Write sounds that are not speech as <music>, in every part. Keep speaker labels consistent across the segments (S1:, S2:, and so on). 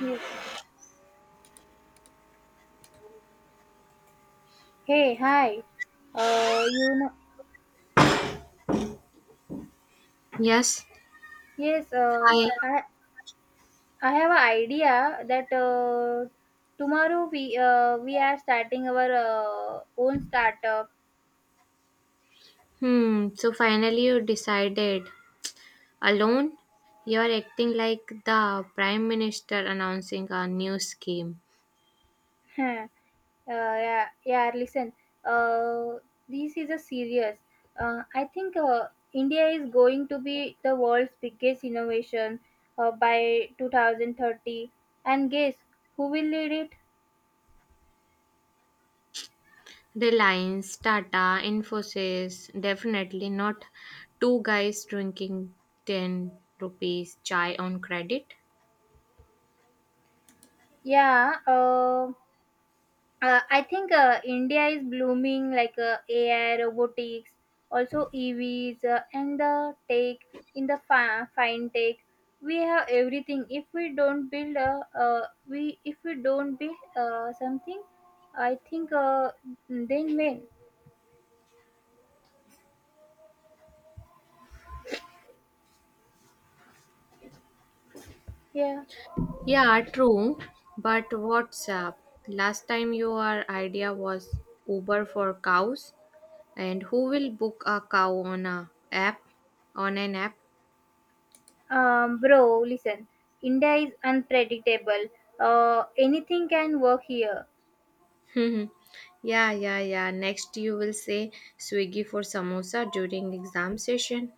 S1: Yes. Hey, hi. Uh, you know,
S2: Yes,
S1: yes,
S2: I.
S1: I have an idea that tomorrow we are starting our own startup.
S2: Hmm. So finally, you decided alone. You're acting like the prime minister announcing a new scheme.
S1: <laughs> uh, yeah, yeah, listen. Uh, this is a serious. I think India is going to be the world's biggest innovation by 2030. And guess who will lead it?
S2: Reliance, Tata, Infosys, definitely not two guys drinking 10 rupees chai on credit.
S1: Yeah, I think India is blooming like AI, robotics, also EVs, and the tech in the fine tech. We have everything. If we don't build something, I think then when? Yeah,
S2: Yeah, true. But what's up? Last time your idea was Uber for cows, and who will book a cow on a app? On an app?
S1: bro, listen. India is unpredictable. Anything can work here.
S2: Hmm. Yeah, yeah, yeah, next, you will say Swiggy for samosa during exam session.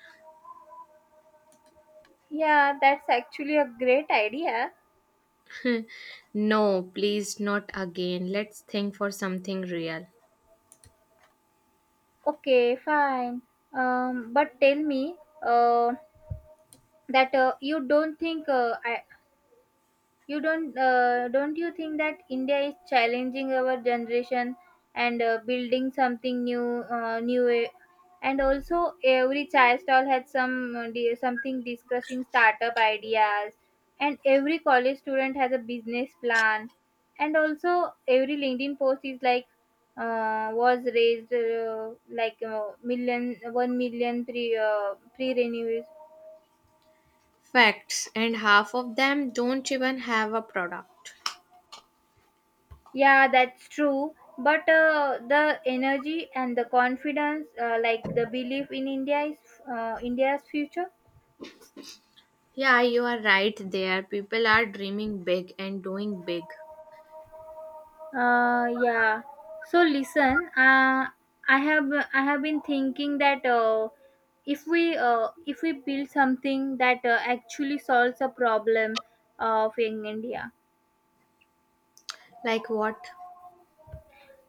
S1: Yeah, that's actually a great idea.
S2: No, please, not again. Let's think for something real.
S1: Okay, fine. But tell me uh, that you don't think I, you don't you think that India is challenging our generation and building something new way? And also every chai stall had some something discussing startup ideas, and every college student has a business plan, and also every LinkedIn post is like was raised like million one million pre renews.
S2: Facts, and half of them don't even have a product.
S1: Yeah, that's true. But the energy and the confidence, like the belief in India's future.
S2: Yeah, you are right there. People are dreaming big and doing big.
S1: Yeah. So listen, I have been thinking that if we build something that actually solves a problem of in India.
S2: Like what?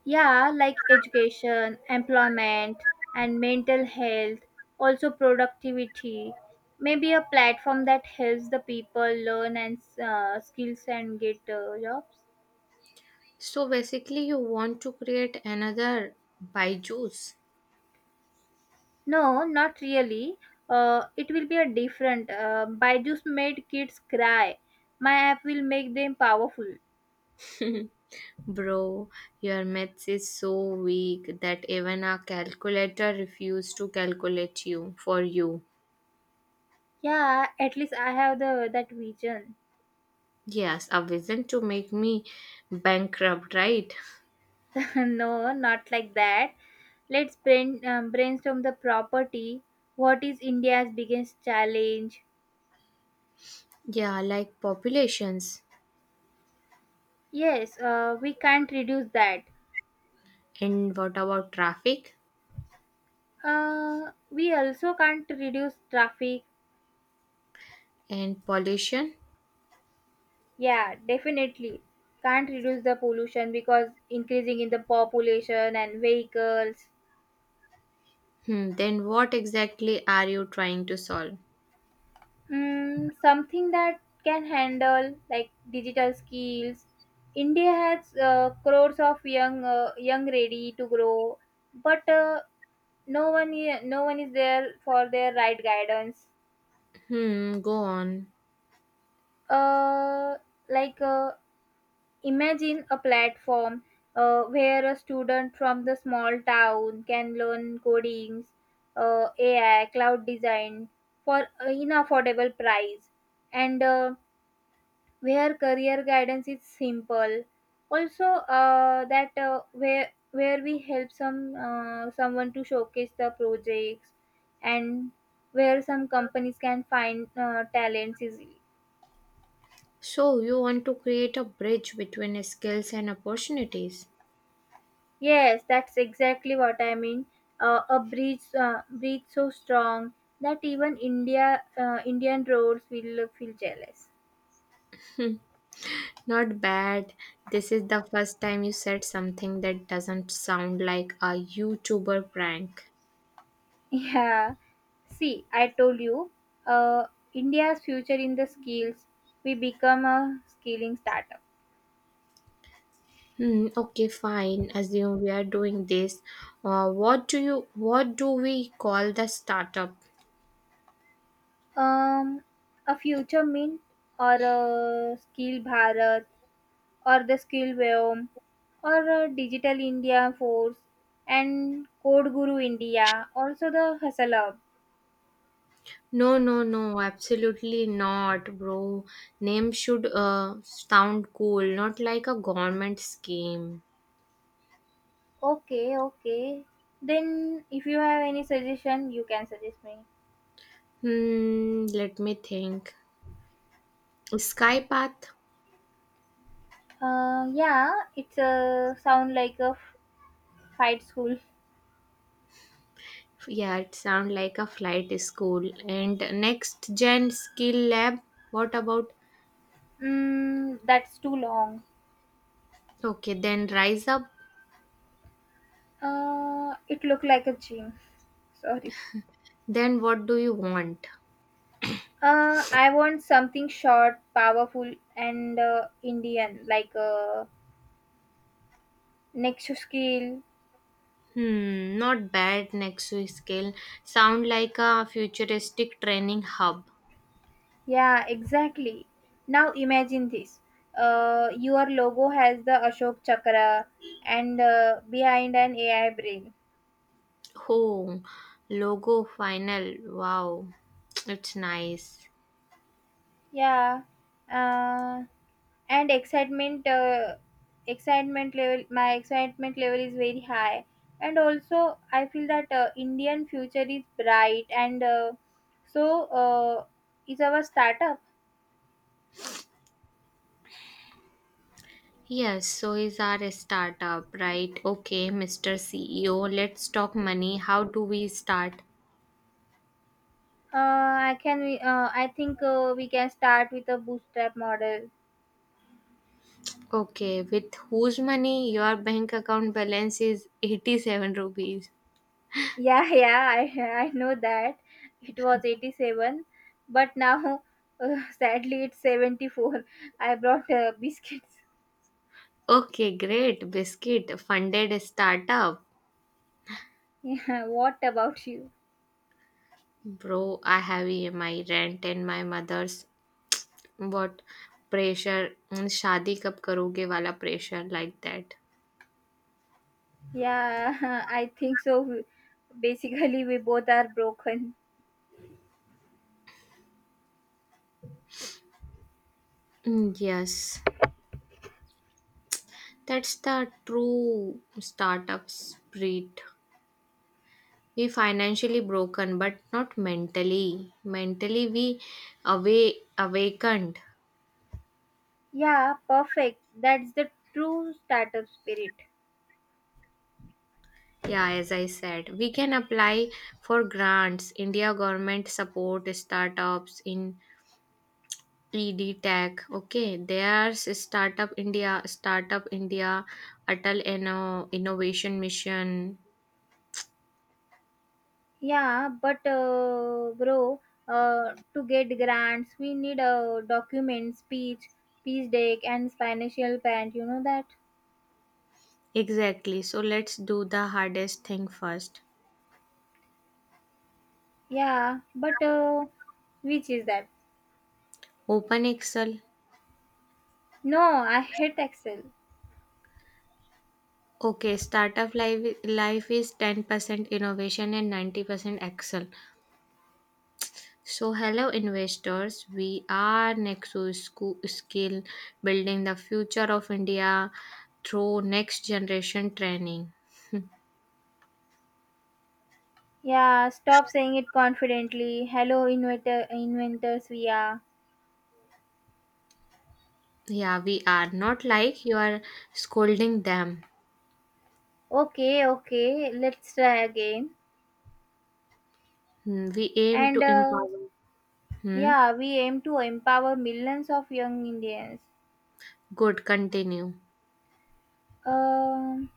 S1: Yeah, like education, employment, and mental health, also productivity. Maybe a platform that helps the people learn and skills and get jobs.
S2: So basically, you want to create another Byju's.
S1: No, not really. It will be a different. Byju's made kids cry. My app will make them powerful.
S2: Bro, your maths is so weak that even a calculator refused to calculate you for you.
S1: Yeah, at least I have the that vision.
S2: Yes, a vision to make me bankrupt, right?
S1: <laughs> no, not like that. Let's brainstorm the property. What is India's biggest challenge?
S2: Yeah, like populations.
S1: Yes, we can't reduce that.
S2: And what about traffic
S1: We also can't reduce traffic.
S2: and pollution?
S1: Yeah, definitely. Can't reduce the pollution because increasing in the population and vehicles.
S2: Hmm, then what exactly are you trying to solve?
S1: Something that can handle like digital skills. India has crores of young ready to grow, but no one is there for their right guidance.
S2: Hmm, go on.
S1: Uh, like imagine a platform where a student from the small town can learn codings, AI, cloud design for in affordable price, and where career guidance is simple, also that where we help someone to showcase the projects, and where some companies can find talents easily.
S2: So you want to create a bridge between skills and opportunities?
S1: Yes, that's exactly what I mean. A bridge so strong that even Indian roads will feel jealous.
S2: Not bad. This is the first time you said something that doesn't sound like a YouTuber prank.
S1: Yeah, see, I told you. uh, India's future in the skills. We become a skilling startup.
S2: Hmm, okay, fine. Assume we are doing this. What do you what do we call the startup?
S1: Um, a future mint, or a skill Bharat, or the skill Vyom, or a digital India force, and code guru India. Also the hustle up.
S2: No, no, no, absolutely not, bro. Name should sound cool, not like a government scheme.
S1: Okay, okay. Then if you have any suggestion, you can suggest me.
S2: Hmm, let me think. Skypath?
S1: Yeah, it's a sound like a fight school.
S2: Yeah, it sounds like a flight school. And next gen skill lab. What about?
S1: That's too long.
S2: Okay, then rise up.
S1: It looked like a gym. Sorry.
S2: Then what do you want?
S1: I want something short, powerful, and Indian, like a Nexus skill.
S2: Hmm, not bad. Next to skill sound like a futuristic training hub.
S1: Yeah, exactly. Now imagine this. Your logo has the Ashok Chakra and behind an AI brain.
S2: Oh, logo final. Wow, it's nice.
S1: Yeah. Uh, and excitement excitement level my excitement level is very high, and also I feel that Indian future is bright, and so uh, is our startup.
S2: Yes, so is our startup, right? Okay, Mr. CEO, let's talk money. How do we start?
S1: Uh, i can uh, i think we can start with a bootstrap model.
S2: Okay, with whose money your bank account balance is 87 rupees.
S1: <laughs> yeah, yeah, I <laughs> I know that it was 87, but now <laughs> sadly it's 74. I brought biscuits.
S2: Okay, great. Biscuit funded a startup.
S1: <laughs> yeah, what about you?
S2: Bro, I have EMI rent and my mother's what pressure mm, शादी कब करोगे वाला pressure like that.
S1: Yeah, <laughs> I think so. Basically, we both are broken.
S2: Mm, yes, that's the true startup spirit. We financially broken, but not mentally. Mentally, we away awakened.
S1: Yeah, perfect. That's the true startup spirit.
S2: Yeah, as I said, we can apply for grants. India government support startups in ED Tech. Okay, there's Startup India, Startup India, Atal Inno, Innovation Mission.
S1: Yeah, but bro, to get grants, we need a document, speech, pitch deck, and financial plan. You know that?
S2: Exactly. So let's do the hardest thing first.
S1: Yeah, but which is that?
S2: Open Excel.
S1: No, I hate Excel.
S2: Okay, startup life, life is 10% innovation and 90% Excel. So, hello investors. We are Nexo Sco- Skill building the future of India through next generation training.
S1: Yeah, stop saying it confidently. Hello, inventors, we are.
S2: Yeah, we are not like you are scolding them.
S1: Okay, okay, let's try again.
S2: Hmm, we aim
S1: And
S2: to empower. Hmm?
S1: yeah we aim to empower millions of young Indians.
S2: Good, continue.
S1: Um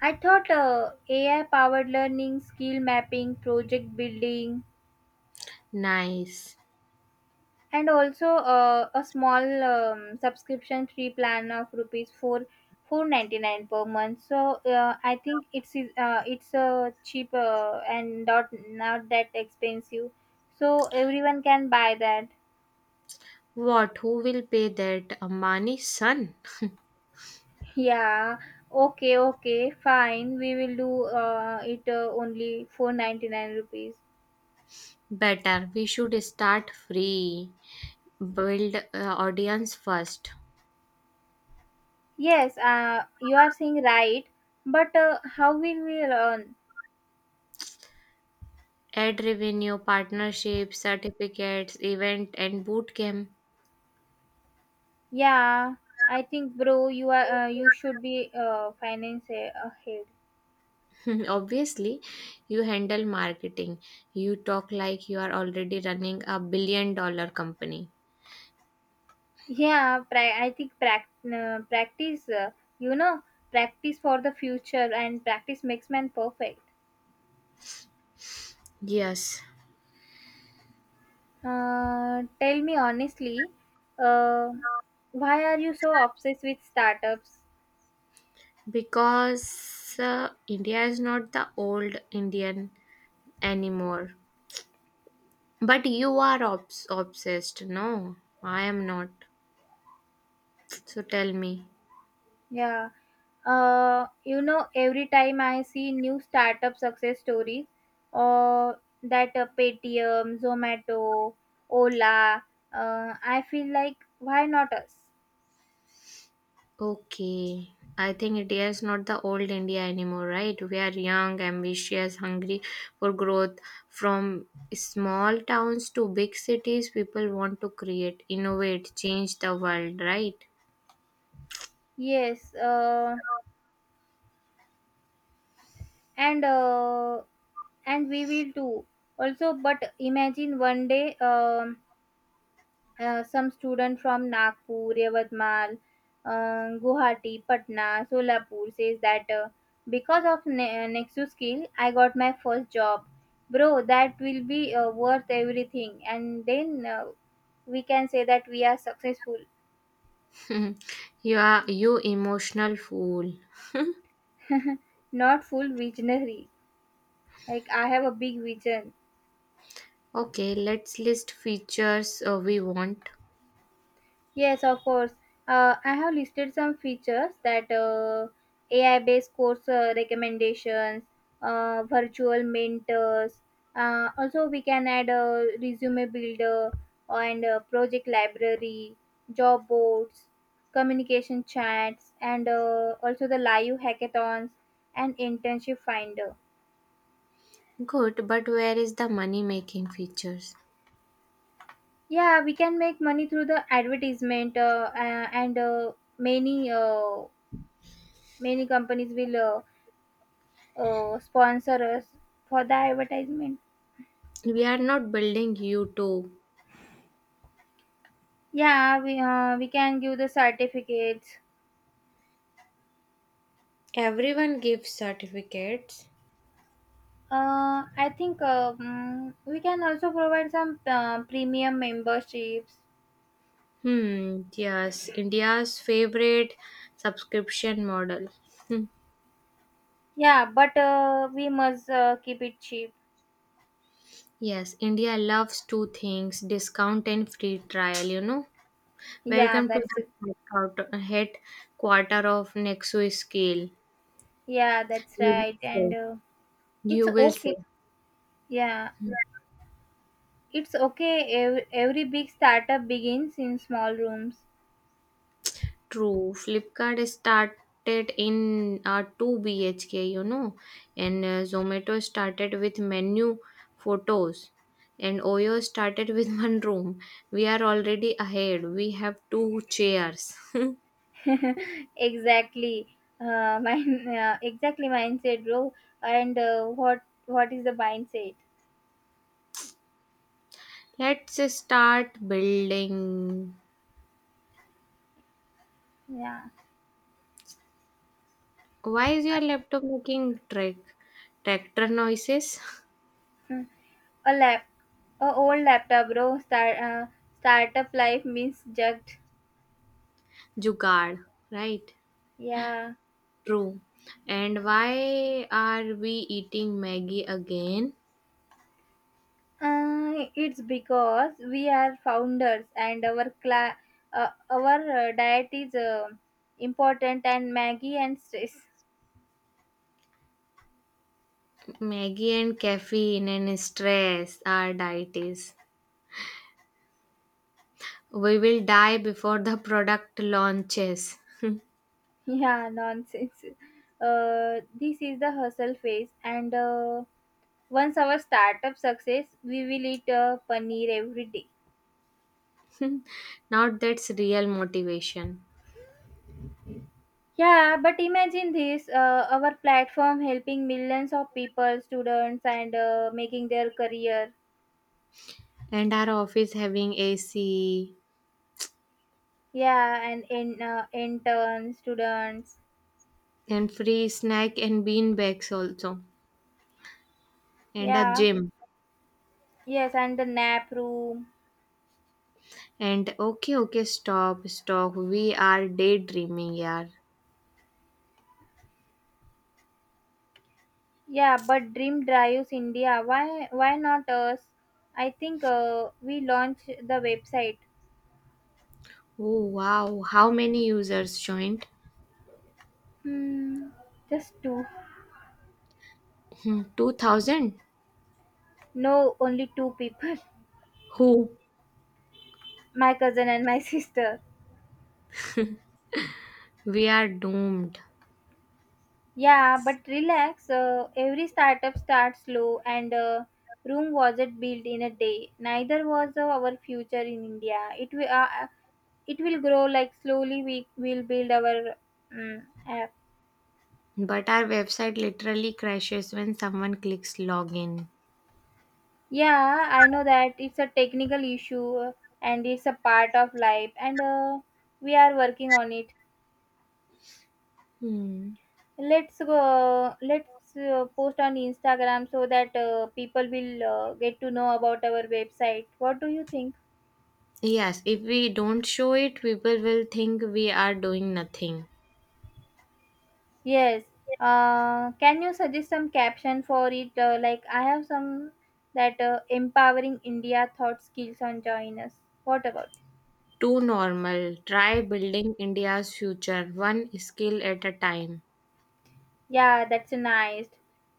S1: I thought AI powered learning, skill mapping, project building.
S2: Nice.
S1: And also a small subscription free plan of rupees 4 499 per month. So I think it's cheap and not that expensive, so everyone can buy that.
S2: What? Who will pay that? Amani's son?
S1: Yeah, okay, okay, fine. We will do it only for 99 rupees.
S2: Better. We should start free. Build audience first.
S1: Yes, you are saying right, but how will we learn?
S2: Ad revenue, partnerships, certificates, event, and bootcamp.
S1: Yeah, I think, bro, you should be finance ahead.
S2: <laughs> Obviously, you handle marketing. You talk like you are already running a $1 billion company.
S1: Yeah, I think you know, practice for the future, and practice makes man perfect.
S2: Yes,
S1: Tell me honestly, uh, why are you so obsessed with startups?
S2: because India is not the old Indian anymore. But you are obs- obsessed. No, I am not. So tell me.
S1: Yeah, every time I see new startup success stories, or that Paytm, Zomato, Ola, I feel like, why not us?
S2: Okay. I think India is not the old India anymore, right? We are young, ambitious, hungry for growth. From small towns to big cities, people want to create, innovate, change the world, right?
S1: Yes, and uh, and we will too. Also, but imagine one day. Some student from Nagpur, Yavadmal, Guwahati, Patna, Solapur says that because of Nexus skill, I got my first job. Bro, that will be worth everything. And then we can say that we are successful,
S2: <laughs> You are you emotional fool.
S1: not full visionary. Like, I have a big vision.
S2: Okay, let's list features we want.
S1: Yes, of course. I have listed some features that AI-based course recommendations, virtual mentors. Also, we can add a resume builder and a project library, job boards, communication chats, and also the live hackathons and internship finder.
S2: Good, but where is the money making features?
S1: Yeah, we can make money through the advertisement, and many uh, many companies will, sponsor us for the advertisement.
S2: We are not building YouTube.
S1: Yeah, we can give the certificates.
S2: Everyone gives certificates.
S1: I think we can also provide some premium memberships.
S2: Hmm, yes, India's favorite subscription model. Hmm.
S1: Yeah, but we must keep it cheap.
S2: Yes, India loves two things discount and free trial, you know.
S1: Yeah,
S2: Welcome to
S1: that's it.
S2: the headquarter of Nexus Scale.
S1: Yeah, that's
S2: You will
S1: right. And
S2: say.
S1: it's
S2: You will say.
S1: okay. Yeah, it's okay. Every big startup begins in small rooms.
S2: True. Flipkart started in 2 BHK, you know, and Zomato started with menu photos, and Oyo started with <laughs> one room. We are already ahead. We have two chairs.
S1: <laughs> exactly, mine exactly mindset, bro. And what is the mindset?
S2: <laughs> Let's start building.
S1: Yeah.
S2: Why is
S1: I-
S2: your laptop making track tractor noises?
S1: mm, a lap a old laptop, bro. Startup life means jugged.
S2: <laughs> Jugaad, right?
S1: Yeah,
S2: True. And why are we eating Maggie again?
S1: it's because we are founders, and our diet is important, and maggie and stress.
S2: Maggie and caffeine and stress are deities. We will die before the product launches.
S1: <laughs> yeah, nonsense. This is the hustle phase, and once our startup success, we will eat paneer every day.
S2: <laughs> Not that's real motivation.
S1: Yeah, but imagine this. Our platform helping millions of people, students, and making their career.
S2: And our office having AC
S1: Yeah, and intern students.
S2: and free snack and bean bags also. And a
S1: Yeah,
S2: gym.
S1: yes, and the nap room.
S2: And okay, okay, stop, stop. We are daydreaming, yaar.
S1: Yeah, but Dream Drives India. Why? Why not us? I think we launch the website.
S2: Oh wow, how many users joined?
S1: Hmm, just two.
S2: Hmm, 2,000?
S1: No, only two people. <laughs>
S2: Who?
S1: My cousin and my <laughs> sister.
S2: We are doomed.
S1: Yeah, but relax. Every startup starts slow, and room wasn't built in a day. Neither was our future in India. It will grow like slowly. We will build our app.
S2: But our website literally crashes when someone clicks login.
S1: Yeah, I know that it's a technical issue, and it's a part of life, and we are working on it.
S2: Hmm.
S1: Let's go. Let's post on Instagram so that people will get to know about our website. What do you think?
S2: Yes, if we don't show it, people will think we are doing nothing.
S1: Yes. Can you suggest some caption for it? Like I have some that empowering India thought skills on joiners. What about?
S2: Too normal. Try building India's future one skill at a time.
S1: Yeah, that's nice.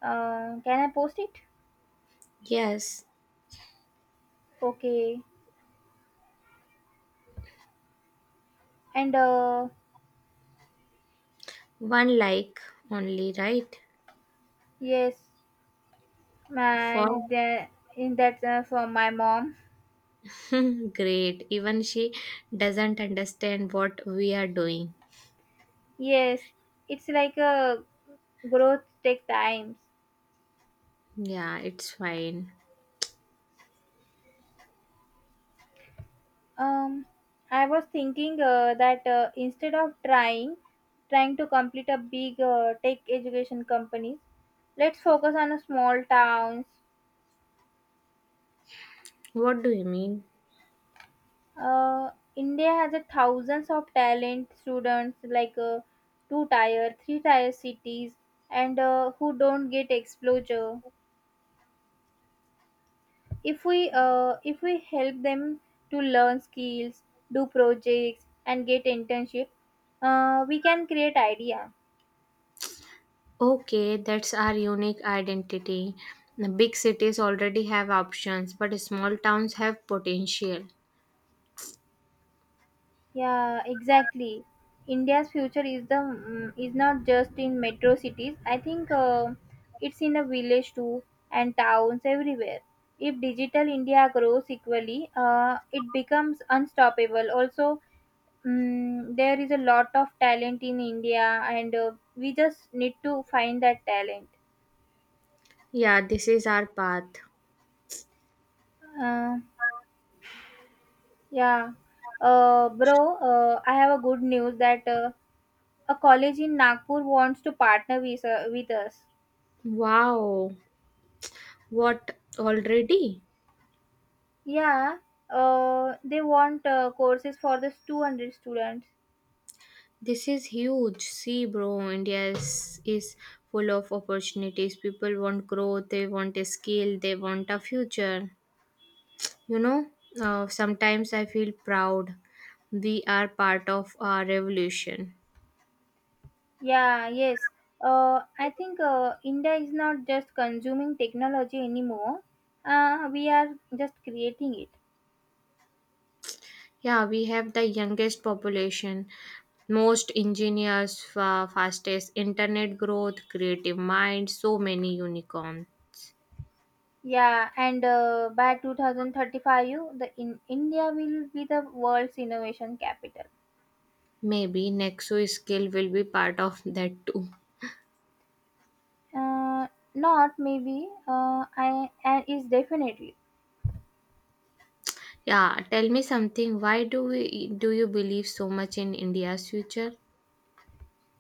S1: Can I post it?
S2: Yes,
S1: Okay, and
S2: one like only, right?
S1: yes,
S2: For
S1: man, the, in that's for my mom.
S2: <laughs> great. Even she doesn't understand what we are doing.
S1: Yes, it's like a growth take times.
S2: Yeah, it's fine.
S1: Um, I was thinking that instead of trying to complete a big tech education company, let's focus on a small towns.
S2: What do you mean?
S1: India has a thousands of talent students, like two tier, three tier cities, and who don't get exposure. If we help them to learn skills, do projects, and get internship, we can create idea.
S2: Okay, that's our unique identity. The big cities already have options, but small towns have potential.
S1: Yeah, exactly. India's future is not just in metro cities. I think it's in the village too, and towns everywhere. If digital India grows equally, it becomes unstoppable. Also, there is a lot of talent in India, and we just need to find that talent.
S2: Yeah, this is our path.
S1: Uh, yeah, bro, I have a good news that a college in Nagpur wants to partner with us.
S2: Wow, what already?
S1: Yeah, they want courses for this 200 students.
S2: This is huge. See, bro, India is full of opportunities. People want growth, they want a skill, they want a future. You know, sometimes I feel proud. We are part of our revolution.
S1: Yeah, yes. I think India is not just consuming technology anymore. We are just creating it.
S2: Yeah, we have the youngest population, most engineers, fa- fastest internet growth, creative mind, so many unicorn.
S1: Yeah, and by 2035, you the in India will be the world's innovation capital.
S2: Maybe Nexo skill will be part of that too.
S1: Uh, not maybe. I and is definitely.
S2: Yeah, tell me something. Why do we do you believe so much in India's future?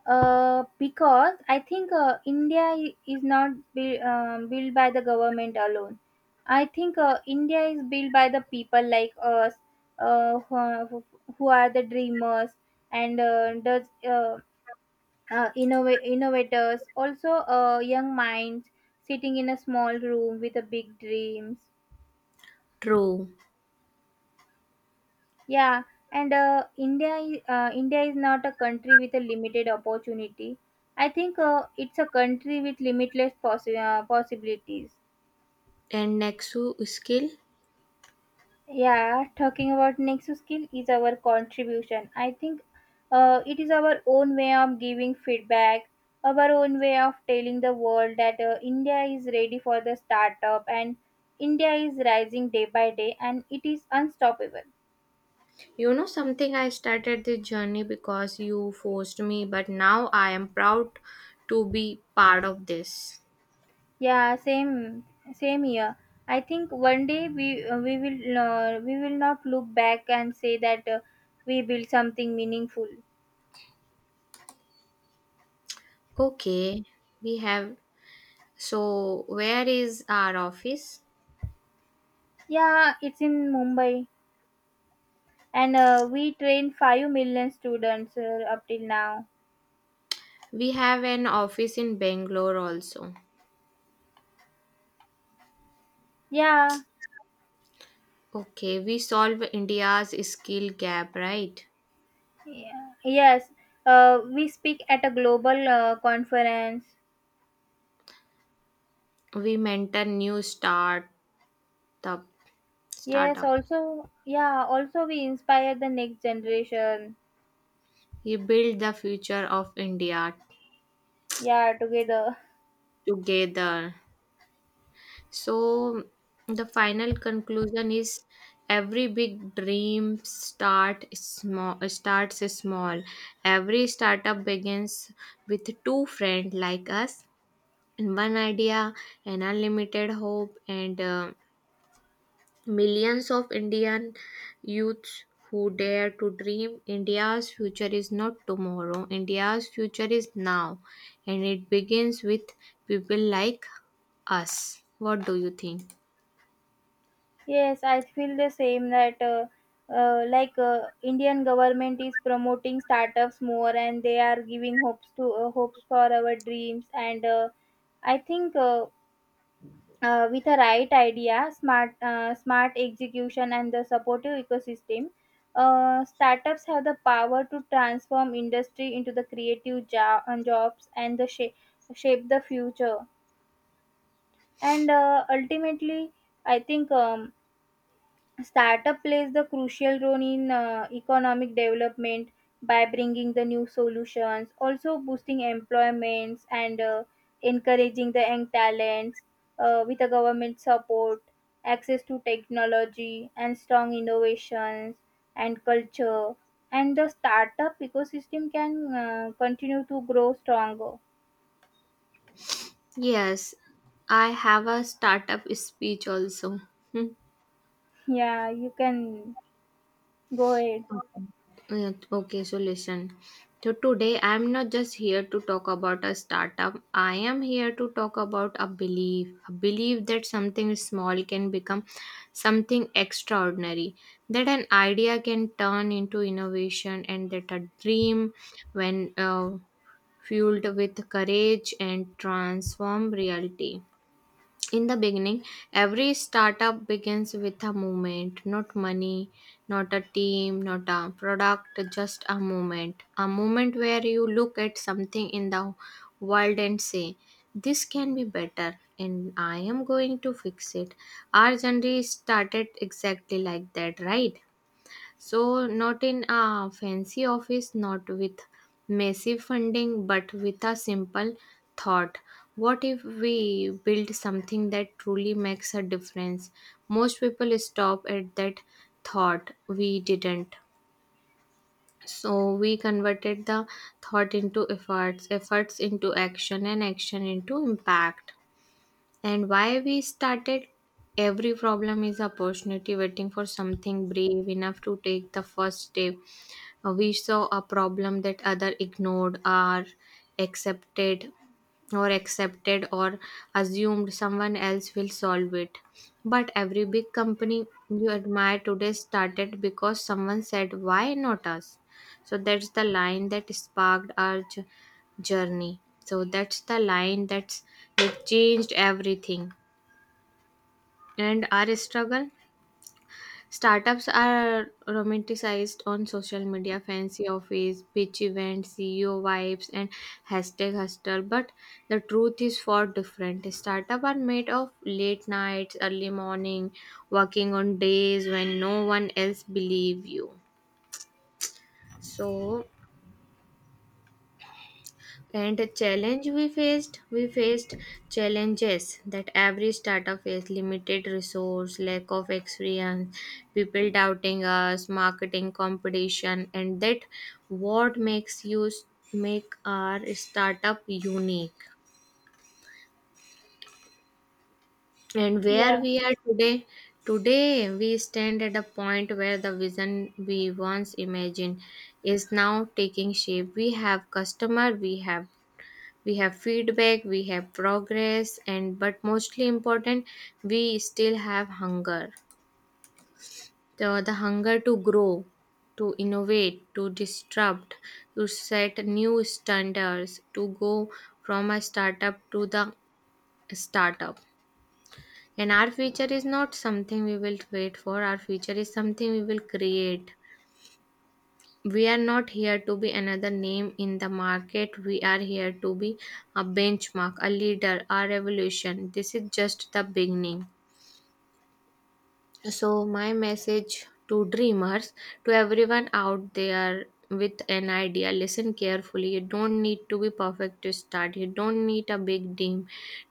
S1: Because I think India is not built by the government alone. I think India is built by the people like us, uh, who, are, who are the dreamers, and innovators, also young minds sitting in a small room with a big dreams.
S2: True.
S1: Yeah, and India is not a country with a limited opportunity. I think it's a country with limitless possibilities.
S2: And Nexo skill?
S1: Yeah, talking about next skill is our contribution. I think it is our own way of giving feedback, our own way of telling the world that India is ready for the startup, and India is rising day by day, and it is unstoppable.
S2: You know something I started this journey because you forced me, but now I am proud to be part of this.
S1: Yeah, same here. I think one day we will not look back and say that we built something meaningful.
S2: Okay, we have so, where is our office?
S1: Yeah, it's in Mumbai, and we train 5 million students up till now.
S2: We have an office in Bangalore also.
S1: Yeah,
S2: Okay, we solve India's skill gap, right?
S1: yeah. Yes. We speak at a global conference.
S2: We mentor new startup
S1: Yes,
S2: startup.
S1: also, yeah, also we inspire the next generation.
S2: We build the future of India
S1: Yeah, together.
S2: together. So the final conclusion is every big dream starts small. Every startup begins with two friends like us in one idea, an unlimited hope, and millions of Indian youths who dare to dream. India's future is not tomorrow, India's future is now, and it begins with people like us. What do you think?
S1: Yes, I feel the same that like Indian government is promoting startups more, and they are giving hopes to hopes for our dreams, and I think with a right idea, smart execution and the supportive ecosystem, startups have the power to transform industry into the creative jobs and the shape the future, and ultimately I think startup plays the crucial role in economic development by bringing the new solutions, also boosting employments, and encouraging the young talents with the government support, access to technology, and strong innovations and culture. And the startup ecosystem can continue to grow stronger.
S2: Yes, I have a startup speech also. <laughs>
S1: Yeah, you can go ahead.
S2: Okay. Yeah, okay, so listen. So today I'm not just here to talk about a startup. I am here to talk about a belief that something small can become something extraordinary, that an idea can turn into innovation, and that a dream, when fueled with courage, and transform reality. In the beginning, every startup begins with a movement, not money, not a team, not a product, just a moment. A moment where you look at something in the world and say, this can be better, and I am going to fix it. Our journey started exactly like that, right? So, not in a fancy office, not with massive funding, but with a simple thought. What if we build something that truly makes a difference? Most people stop at that thought. We didn't. So, we converted the thought into efforts, efforts into action, and action into impact. And why we started, every problem is opportunity waiting for something brave enough to take the first step. We saw a problem that other ignored or accepted or assumed someone else will solve it. But every big company you admire today started because someone said why not us. So that's the line that sparked our journey. So that's the line that changed everything. And our struggle, startups are romanticized on social media, fancy office, pitch events, CEO vibes, and hashtag hustle. But the truth is far different. Startups are made of late nights, early morning, working on days when no one else believe you. So and the challenge we faced challenges that every startup faced, limited resource, lack of experience, people doubting us, marketing competition, and that what makes you make our startup unique. And where
S1: Yeah.
S2: we are today, today we stand at a point where the vision we once imagined is now taking shape. We have customer, we have feedback, we have progress, and but mostly important, we still have hunger, the hunger to grow, to innovate, to disrupt, to set new standards, to go from a startup to the startup. And our future is not something we will wait for, our future is something we will create. We are not here to be another name in the market. We are here to be a benchmark, a leader, a revolution. This is just the beginning. So, my message to dreamers, to everyone out there with an idea, listen carefully. You don't need to be perfect to start. You don't need a big team.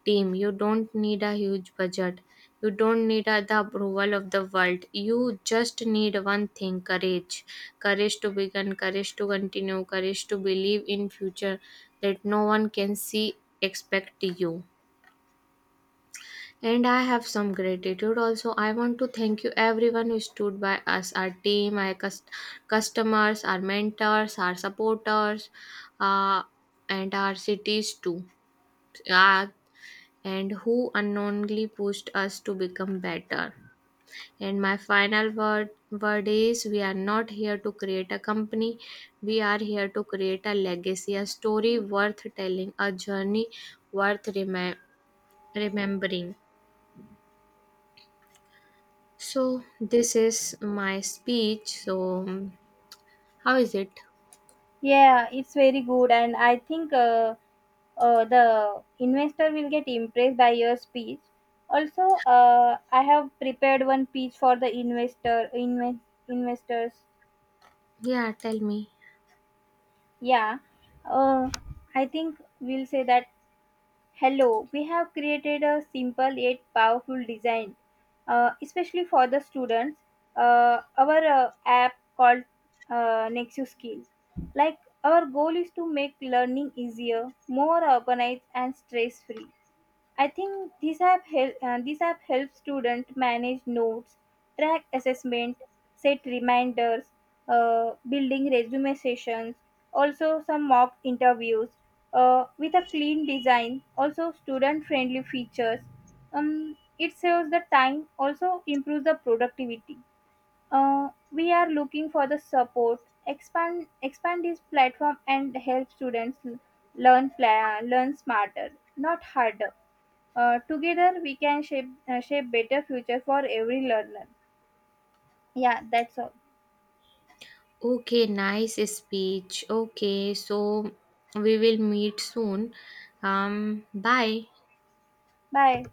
S2: Team. You don't need a huge budget. You don't need the approval of the world. You just need one thing: courage. Courage to begin. Courage to continue. Courage to believe in future that no one can see expect you. And I have some gratitude also. I want to thank you, everyone who stood by us, our team, our customers, our mentors, our supporters, uh, and our cities too, uh, and who unknowingly pushed us to become better. And my final word is we are not here to create a company, we are here to create a legacy, a story worth telling, a journey worth remembering. So, this is my speech. So, how is it?
S1: Yeah, it's very good, and I think the investor will get impressed by your speech. Also, I have prepared one pitch for the investors.
S2: Yeah, tell me.
S1: Yeah, uh, I think we'll say that, Hello, we have created a simple yet powerful design, especially for the students. Our app called Nexus Skill. Like, our goal is to make learning easier, more organized, and stress-free. I think these have helped students manage notes, track assessment, set reminders, building resume sessions, also some mock interviews with a clean design, also student friendly features. It saves the time, also improves the productivity. We are looking for the support, expand this platform and help students learn smarter, not harder. Together we can shape better future for every learner. Yeah, that's all.
S2: Okay, nice speech. Okay, so we will meet soon. Bye.
S1: Bye.